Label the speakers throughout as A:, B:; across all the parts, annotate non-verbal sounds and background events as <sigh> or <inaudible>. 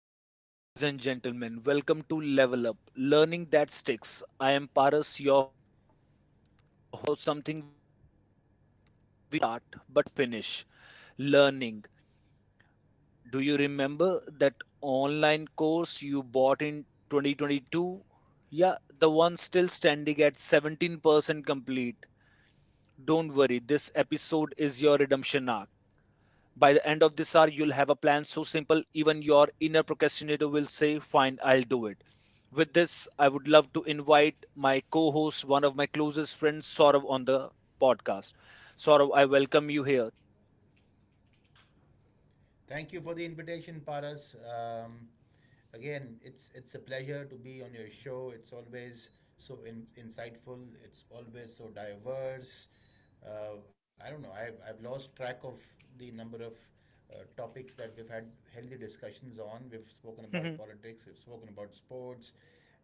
A: Good evening, ladies and gentlemen. Welcome to Level Up Learning That Sticks. I am Paras, your host. Something we start but finish learning. Do you remember that online course you bought in 2022? Yeah, the one still standing at 17% complete. Don't worry, this episode is your redemption arc. By the end of this hour, you'll have a plan so simple, even your inner procrastinator will say, Fine, I'll do it. With this, I would love to invite my co host, one of my closest friends, Saurav, on the podcast. Saurav, I welcome you here.
B: Thank you for the invitation, Paras. Again, it's a pleasure to be on your show. It's always so insightful. It's always so diverse. I don't know. I've lost track of the number of topics that we've had healthy discussions on. We've spoken about politics. We've spoken about sports,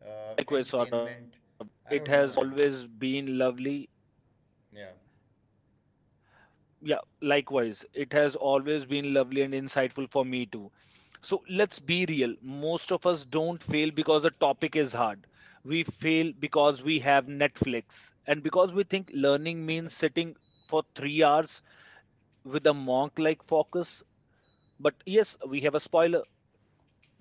A: <laughs> Likewise, Saurav,
B: entertainment.
A: it
B: I
A: has
B: don't know, man.
A: always been lovely.
B: Yeah,
A: Yeah, likewise. It has always been lovely and insightful for me too. So let's be real. Most of us don't fail because the topic is hard. We fail because we have Netflix and because we think learning means sitting for 3 hours with a monk like focus. But yes, we have a spoiler.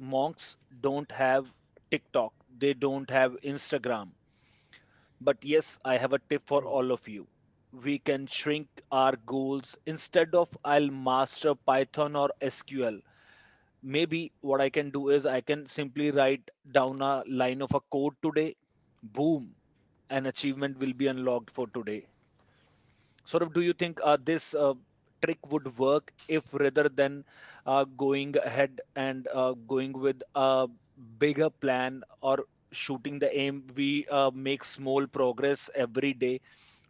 A: Monks don't have TikTok, they don't have Instagram, but yes, I have a tip
B: <laughs> true.
A: for all of you. We can shrink our goals instead of I'll master Python or SQL. Maybe what I can do is I can simply write down a line of a code today. Boom, an achievement will be unlocked for today. Sort of, do you think this trick would work if, rather than going ahead and going with a bigger plan or shooting the aim, we make small progress every day?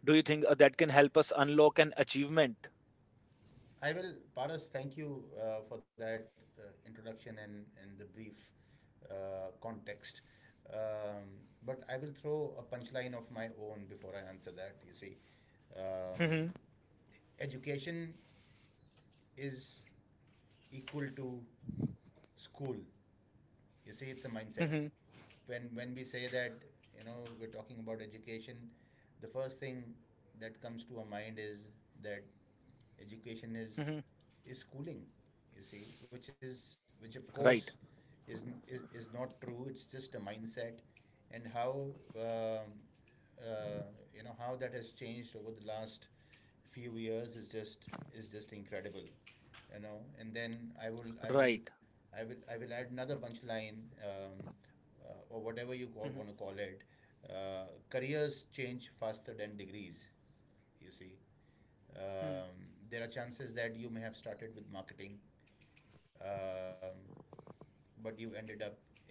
A: Do you think that can help us unlock an achievement?
B: I will, Paras, thank you for that introduction and the brief context. But I will throw a punchline of my own before I answer that. You see, um,
A: Mhm,
B: education is equal to school. You see, it's a mindset.
A: mhm,
B: When we say that, you know, we're talking about education, the first thing that comes to our mind is that education is
A: mhm.
B: is schooling. You see, which of course
A: Right.
B: is not true. It's just a mindset, and how um uh, you know how that has changed over the last few years is just incredible, you know. And then I will I
A: Right.
B: will I will I will add another punchline, or whatever
A: Mhm,
B: want to call it. Careers change faster than degrees. You see,
A: mhm.
B: there are chances that you may have started with marketing, um, but you ended up in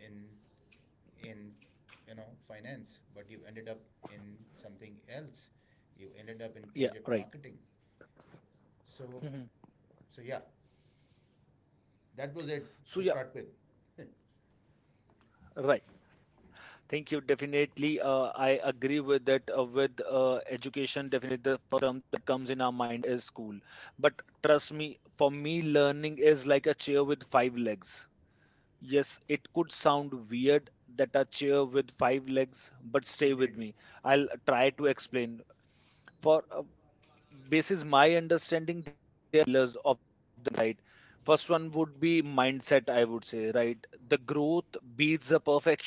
B: in you know finance, but you ended up in something else. You ended up in
A: Yeah,
B: project
A: right.
B: marketing. So
A: Mhm.
B: so yeah, that was it
A: So,
B: to
A: yeah.
B: start with. <laughs>
A: Right. Thank you. Definitely, I agree with. Education, definitely the first term that comes in our mind is school. But trust me, for me, learning is like a chair with five legs. Yes, it could sound weird that a chair with five legs, but stay
B: It
A: with
B: did.
A: me. I'll try to explain. For basis my understanding, there are pillars of the right. First one would be mindset, I would say, right. The growth beats the perfection.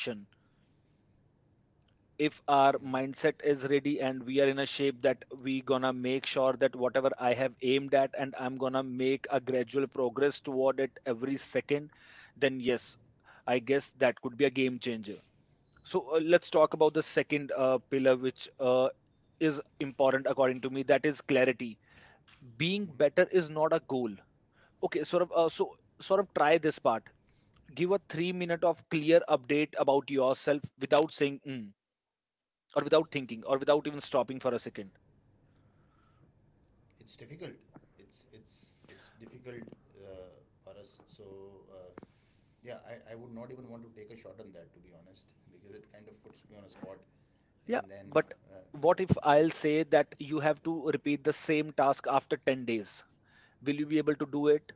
A: If our mindset is ready
B: Hmm.
A: and we are in a shape that we gonna make sure that whatever I have aimed at and I'm gonna make a gradual progress toward it every second, then yes, I guess that could be a game changer. So, let's talk about the second pillar, which is important according to me, that is clarity. Being better
B: Hmm.
A: is not a goal. Okay, sort of try this part. Give a 3 minute of clear update about yourself without saying "Mm." or without thinking or without even stopping for a second.
B: It's difficult. It's difficult for us. So, uh, yeah, I would not even want to take a shot on that, to be honest, because it kind of puts me on a spot.
A: Yeah,
B: And then,
A: but
B: uh,
A: what if I'll say that you have to repeat the same task after 10 days? Will you be able to do it?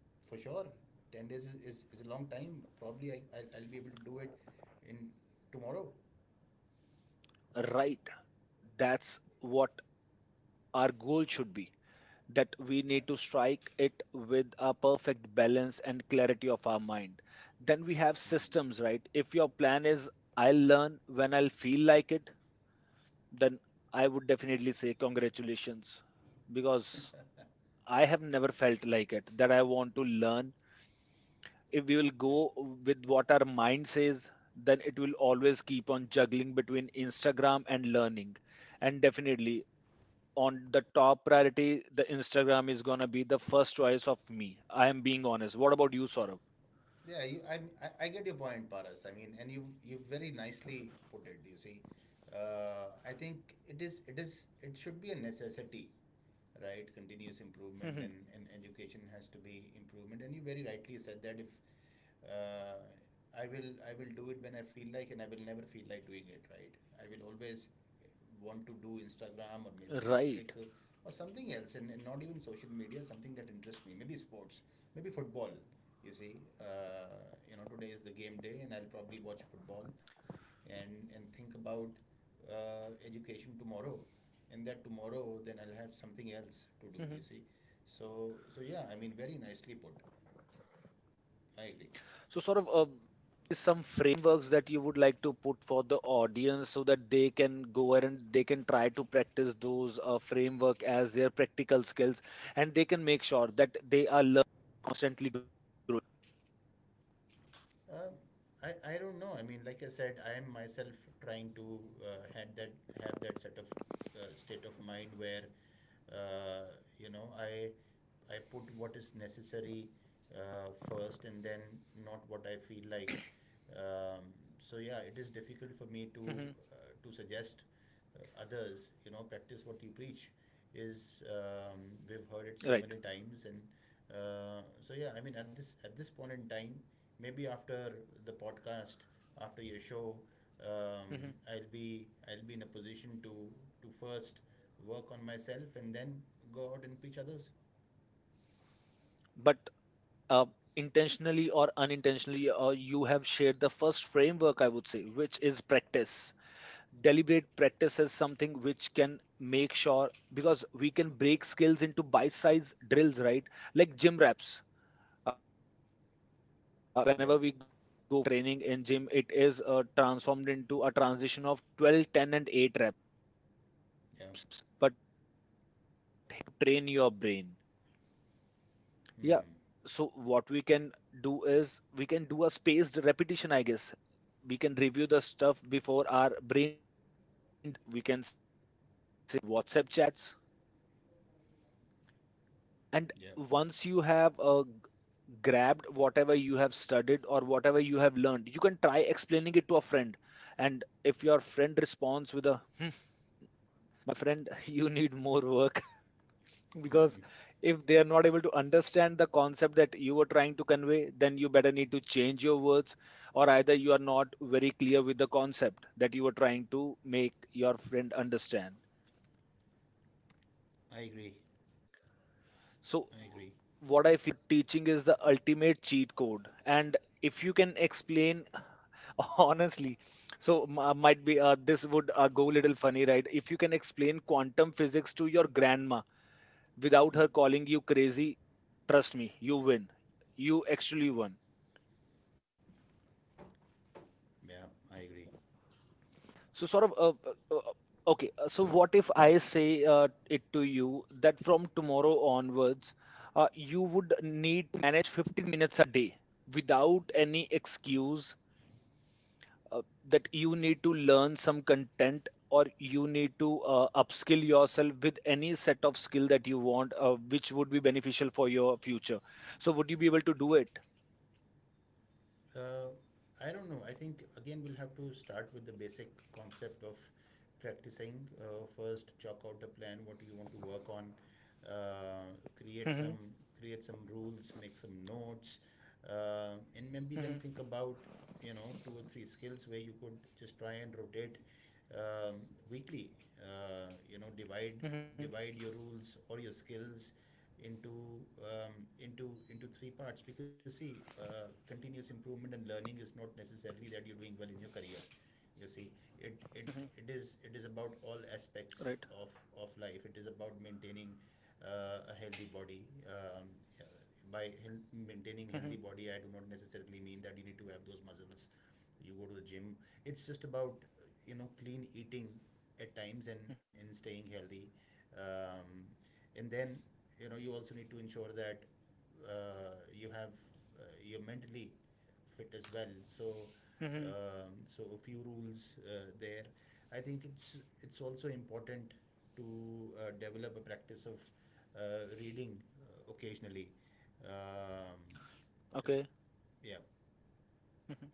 B: for sure, 10 days is a long time. Probably I'll be able to do it in tomorrow.
A: Right, that's what our goal should be. That we
B: Yeah.
A: need to strike it with a perfect balance and clarity of our mind. Then we have
B: Hmm.
A: systems, right? If your plan is I'll learn when I'll feel like it, then I would definitely say congratulations, because
B: <laughs>
A: I have never felt like it that I want to learn. If we will
B: Yeah.
A: go with what our mind says, then it will always keep on juggling between Instagram and learning. And definitely, on the top priority, the Instagram is gonna be the first choice of me. I am being honest. What about you, Saurav? <laughs>
B: Yeah, you, I get your point, Paras. I mean, and you've very nicely put it. You see, I think it should be a necessity, right? Continuous improvement and,
A: Mhm.
B: and education has to be improvement. And you very rightly said that if uh, I will do it when I feel like, and I will never feel like doing it, right? I will always want to do Instagram or maybe
A: Right.
B: Netflix or something else, and not even social media, something that interests me. Maybe sports, maybe football. You see, you know, today is the game day, and I'll probably watch football and think about education tomorrow. And that tomorrow then I'll have something else to
A: Mhm.
B: do. You see, so yeah, I mean, very nicely put. I agree.
A: So, Saurav, some frameworks that you would like to put for the audience so that they can go ahead and they can try to practice those framework as their practical skills, and they can make sure that they are learning, constantly growing?
B: Um, I, I don't know. I mean, like I said, I am myself trying to had that have that set of state of mind where, you know, I put what is necessary first, and then not what I feel like. Um, so yeah, it is difficult for
A: Mhm.
B: me uh, to suggest others. You know, practice what you preach is, we've heard it
A: Right.
B: so many times, and, so yeah. I mean, at this point in time, maybe after the podcast, after your show,
A: Mhm.
B: I'll be in a position to first work on myself and then go out and preach others.
A: But uh, intentionally or unintentionally, you have shared the first framework, I would say, which is practice. Deliberate practice is something which can make sure, because we can break skills into bite-sized drills, right? Like gym reps. uh,
B: Yeah.
A: whenever we go training in gym, it is transformed into a transition of 12 10 and 8
B: Yeah.
A: reps. But train your brain, yeah.
B: Hmm.
A: So what we can do is we can do a spaced repetition, I guess. We can review the stuff before our brain. We can say WhatsApp chats. And
B: Yeah.
A: once you have grabbed whatever you have studied or whatever you have learned, you can try explaining it to a friend. And if your friend responds with a "Hmm," my friend, <laughs> you need more work.
B: <laughs>
A: Because if they are not able to understand the concept that you were trying to convey, then you better need to change your words, or either you are not very clear with the concept that you were trying to make your friend understand.
B: I agree.
A: So,
B: I agree.
A: what I feel, teaching is the ultimate cheat code. And if you can explain, <laughs> honestly, so might be, this would go a little funny, right? If you can explain quantum physics to your grandma without her calling you crazy, trust me, you win. You actually won.
B: Yeah, I agree.
A: So, sort of, uh, uh, okay. So, what if I say it to you that from tomorrow onwards, you would need to manage 15 minutes a day without any excuse, uh, that you need to learn some content or you need to upskill yourself with any set of skill that you want, which would be beneficial for your future. So, would you be able to do it?
B: uh, I don't know. I think again we'll have to start with the basic concept of practicing. First, chalk out a plan. What do you want to work on? Uh, create some
A: Hmm.
B: create some rules. Make some notes, and maybe then think
A: Hmm.
B: about, you know, two or three skills where you could just try and rotate, um, weekly. You know, divide
A: Hmm.
B: divide your rules or your skills into um, into three parts, because see, continuous improvement and learning is not necessarily that you're doing well in your career. You see, it it,
A: Hmm.
B: it is about all aspects
A: Right.
B: of life. It is about maintaining a healthy body. Yeah, by maintaining healthy body, I do not necessarily mean that you need to have those muscles. You go to the gym. It's just about, you know, clean eating at times and staying healthy. Um, and then, you know, you also need to ensure that, uh, you have you're mentally fit as well. So, um,
A: Hmm.
B: so a few rules there. I think it's also important to develop a practice of reading occasionally. Um, uh,
A: Okay.
B: yeah,
A: Mhm.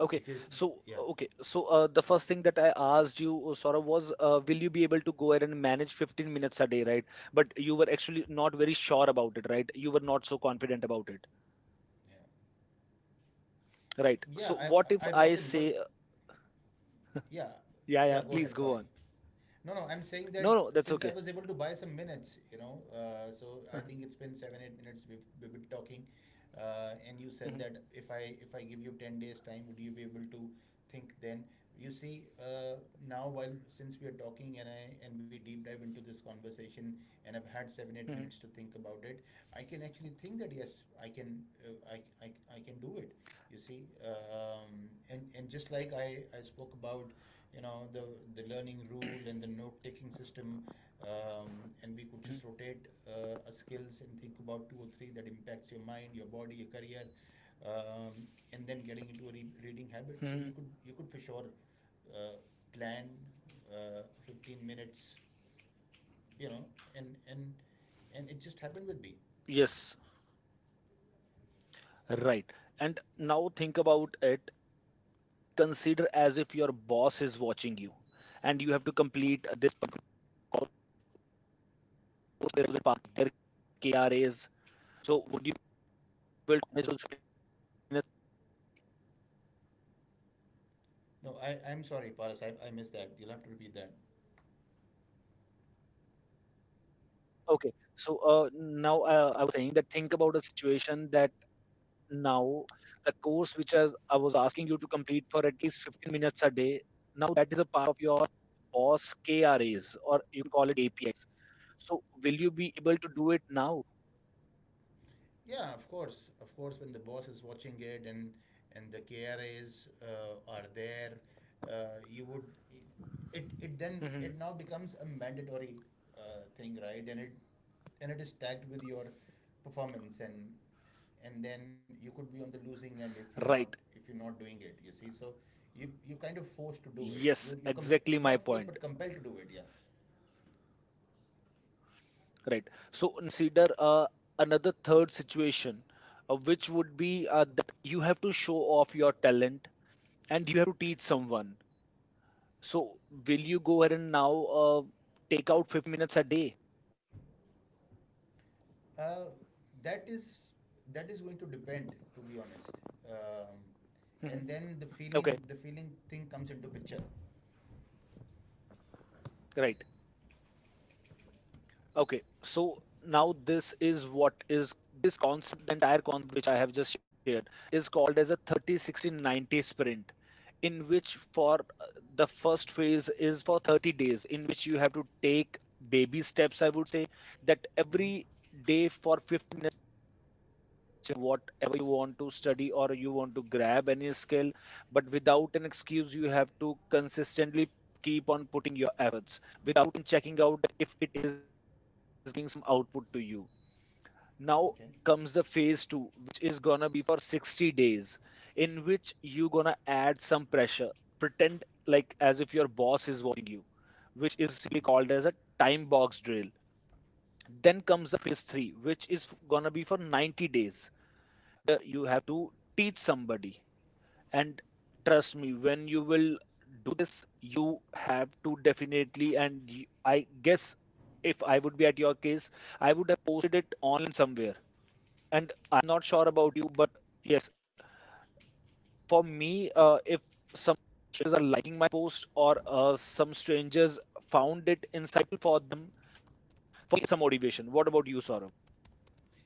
A: Okay.
B: because
A: So,
B: yeah,
A: okay. So, the first thing that I asked you, Saurabh, was will you be able to go ahead and manage 15 minutes a day, right? But you were actually not very sure about it, right? You were not so confident about it,
B: yeah,
A: right?
B: yeah.
A: So,
B: I
A: what if
B: wasn't, but
A: I say,
B: yeah, yeah. Go
A: yeah,
B: ahead.
A: yeah,
B: Sorry.
A: please go on.
B: No, no, I'm saying that
A: No,
B: since
A: no,
B: I was
A: that's
B: able to
A: okay.
B: buy some minutes, you know, so I think it's
A: Mhm,
B: been 7, 8 minutes we've been talking, and you said that
A: mhm,
B: if I give you 10 days time, would you be able to think then? You see, now, while since we are talking, and we deep dive into this conversation, and I've had 7, 8 minutes to
A: mhm,
B: think about it, I can actually think that yes, I can, I can do it. You see, and just like I spoke about, you know, the learning rule and the note taking system, um, and we could just
A: mhm.
B: rotate our skills and think about two or three that impacts your mind, your body, your career. um, and then getting into a reading habit, so
A: Mhm.
B: you could for sure uh, plan 15 minutes, you know. And and and it just happened with me.
A: Yes, right. And now think about it. Consider as if your boss is watching you and you have to complete this particular KRAs. So would you will manage those minutes?
B: No, I'm sorry, Paras. I missed that. You'll have to repeat that.
A: Okay. So, now, I was saying that, think about a situation that now the course, which as I was asking you to complete for at least 15 minutes a day, now that is a part of your boss K R As, or you can call it APX. So will you be able to do it now?
B: Yeah, of course, of course. When the boss is watching it and the KRAs are there. uh, you would it it then
A: Hmm.
B: it now becomes a mandatory thing, right? And it is tagged with your performance, and then you could be on the losing end if
A: Right.
B: you're not doing it. You see, so you kind of forced to do
A: Yes,
B: it.
A: exactly my point.
B: Not forced but compelled to do it. Yeah.
A: Right. So, consider another third situation, which would be that you have to show off your talent and you have to teach someone. So will you go ahead and now take out 15 minutes a day?
B: Uh, that is that is going to depend, to be honest. Um,
A: Mhm.
B: and then the
A: Okay,
B: feeling the feeling thing comes into picture.
A: right. Okay, so now this is what is this concept, the entire concept which I have just shared, is called as a 30 60 90 sprint, in which for the first phase is for 30 days, in which you have to take baby steps, I would say, that
B: Hmm.
A: every day for 50, whatever you want to study or you want to grab any skill, but without an excuse you have to consistently keep on putting your efforts without checking out if it is giving some output to you. Now comes the
B: Okay.
A: phase 2, which is going to be for 60 days, in which you going to add some pressure. Pretend like as if your boss is watching you, which is simply called as a
B: Mhm.
A: time box drill. Then comes the phase 3, which is going to be for 90 days. You have to teach somebody. And trust me, when you will do this, you have to definitely. And you, I guess, if I would be at your case, I would have posted it online somewhere. And I'm not sure about you, but yes, for me, if some strangers are liking my post or some strangers found it insightful for them, for me, it's a motivation. What about you, Saurav?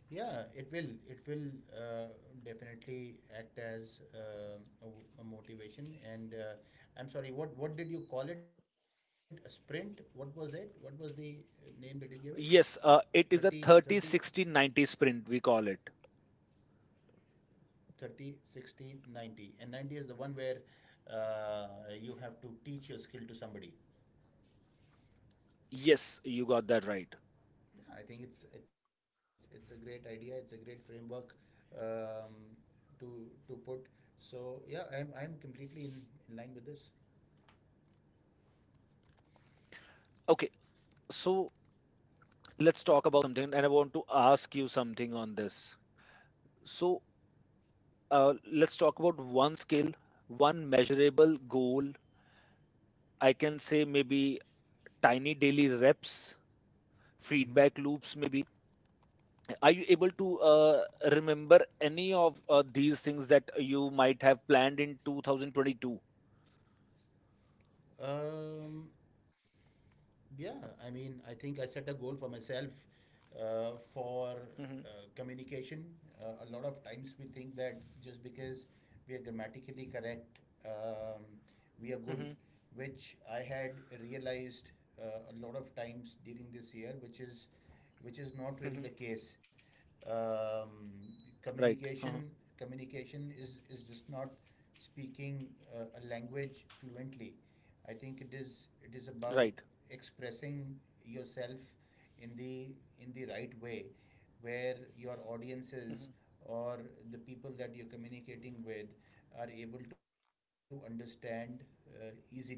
B: Yeah, it will. Uh, definitely act as a motivation. And, I'm sorry. What did you call it? A sprint? What was it? What was the name that you gave it?
A: Yes,
B: 30,
A: it is a
B: 30
A: 30, 60, 90 sprint, we call it.
B: 30, 60, 90. And 90 is the one where uh, you have to teach your skill to somebody.
A: Yes, you got that right.
B: Yeah, I think it's a great idea. It's a great framework, um, to put. So yeah, I'm completely in line with this.
A: Okay, so let's talk about something, and I want to ask you something on this. So, let's talk about one skill, one measurable goal. I can say maybe tiny daily reps,
B: Mm-hmm.
A: feedback loops, maybe. Are you able to remember any of these things that you might have planned in 2022?
B: Um, yeah, I mean, I think I set a goal for myself for
A: Hmm.
B: uh, communication. A lot of times we think that just because we are grammatically correct, um, we are good,
A: Hmm.
B: which I had realized a lot of times during this year, which is not really the
A: Hmm.
B: case. Um,
A: Right.
B: communication communication is just not speaking a language fluently. I think it is about
A: Right.
B: expressing yourself in the right way, where your audiences
A: Hmm.
B: or the people that you're communicating with are able to understand easily.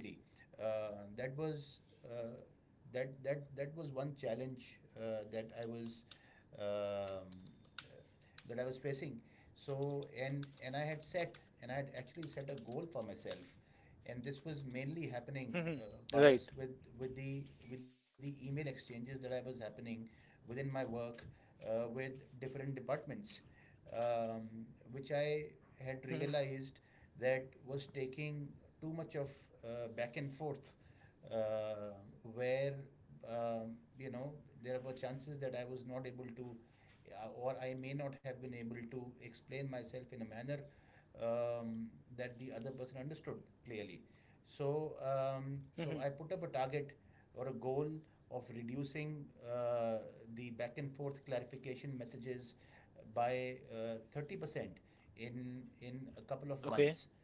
B: Uh, that was uh, that that that was one challenge that I was, um, that I was facing. So, and I had actually set a goal for myself, and this was mainly happening, uh,
A: Hmm.
B: Paras,
A: Right.
B: with with the the email exchanges that I was happening within my work, with different departments, um, which I had
A: Hmm.
B: realized that was taking too much of back and forth, uh, where, you know, there were chances that I was not able to, or I may not have been able to explain myself in a manner, um, that the other person understood clearly. So I
A: Hmm.
B: put up a target or a goal of reducing uh, the back and forth clarification messages by 30% in a couple of months,
A: Okay.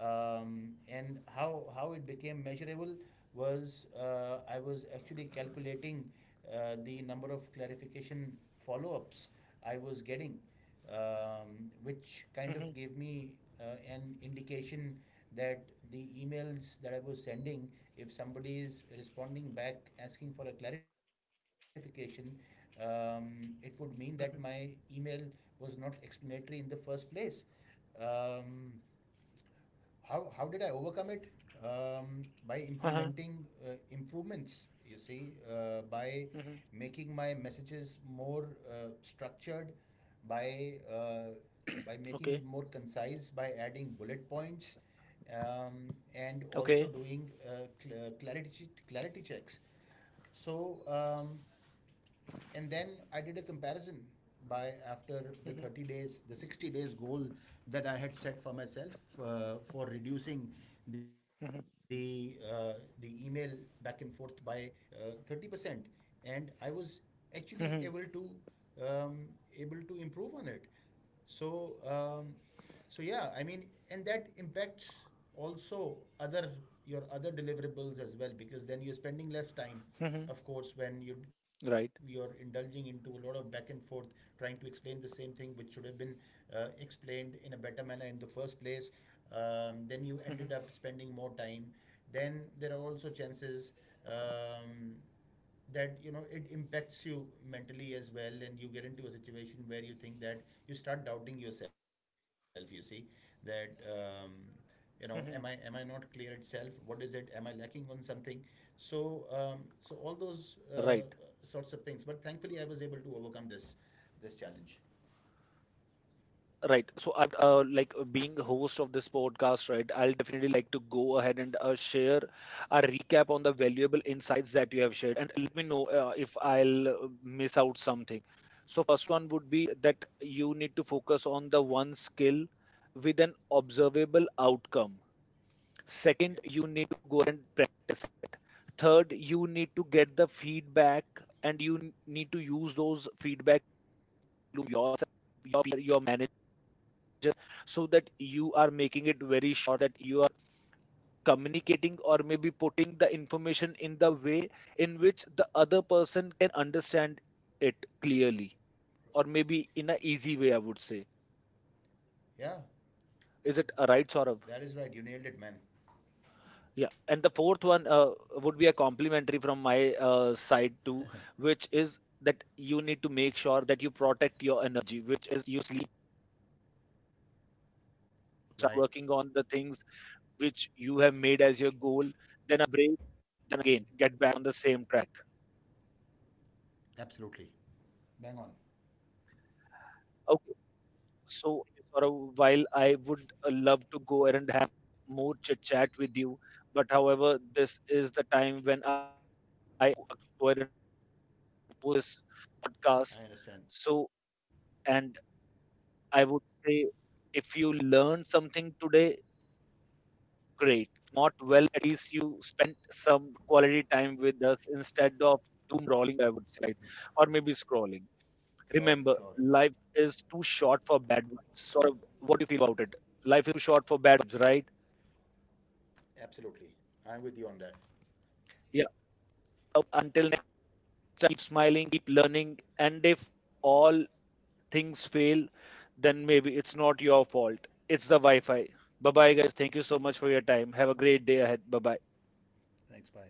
B: and how it became measurable was, I was actually calculating the number of clarification follow-ups I was getting, which kind of gave
A: Hmm.
B: me an indication that the emails that I was sending, if somebody is responding back asking for a clarification, it would mean that my
A: Hmm.
B: email was not explanatory in the first place. Um, how did I overcome it? By
A: uh
B: implementing improvements, you see, by making my messages more structured, by uh, by making it
A: Okay.
B: more concise, by adding bullet points, and also
A: Okay.
B: doing clarity checks. So, and then I did a comparison by after the 30
A: Mhm,
B: days, the 60 days goal that I had set for myself for reducing the
A: mhm,
B: uh, the email back and forth by 30%, and I was actually
A: mhm,
B: able to, um, able to improve on it. So um, so yeah, I mean, and that impacts also other your other deliverables as well, because then you're spending less time.
A: mhm.
B: Of course, when you're
A: Right.
B: indulging into a lot of back and forth trying to explain the same thing which should have been explained in a better manner in the first place, then you ended up
A: Mhm,
B: spending more time. Then there are also chances, um, that, you know, it impacts you mentally as well, and you get into a situation where you think that you start doubting yourself. You see that, you know, am i am
A: mhm.
B: i not clear itself, what is it, am I lacking on something? So all those
A: Right.
B: sorts of things. But thankfully I was able to overcome this challenge.
A: Right. So I, like being the host of this podcast, right? I'll definitely like to go ahead and share a recap on valuable insights that you have shared, and let me know if I'll miss out something. So first one would be that you need to focus on the one skill with an observable outcome.
B: Yeah,
A: Second, you need to go and practice it. Third, you need to get the feedback, and you need to use those feedback to yourself, your peer, your managers, so that you are making it very sure that you are communicating or maybe putting the information in the way in which the other person can understand it clearly, or maybe in an easy way, I would say.
B: yeah,
A: Is it a right, Saurav?
B: that is right. You nailed it, man.
A: Yeah, and the fourth one would be a complimentary from my side too, which is that you need to make sure that you protect your energy, which is you sleep, start
B: Right.
A: working on the things which you have made as your goal, then a break, then again get back on the same track.
B: Absolutely, bang on.
A: Okay, so for a while I would love to go and have more chit chat with you, but however, this is the time when I go and post this podcast.
B: I understand.
A: So, and I would say, if you learn something today, great. Not well, at least you spent some quality time with us instead of doom rolling, I would say, or maybe scrolling. Remember, life
B: Sure, sure.
A: is too short for bad vibes. Sort of, what do you feel about it? Life is too short for bad vibes, right?
B: Absolutely. I'm with you on that.
A: Yeah. So, until next time, keep smiling, keep learning, and if all things fail, then maybe it's not your fault. It's the Wi Fi. Bye bye, guys. Thank you so much for your time. Have a great day ahead. Bye bye.
B: Thanks. Bye.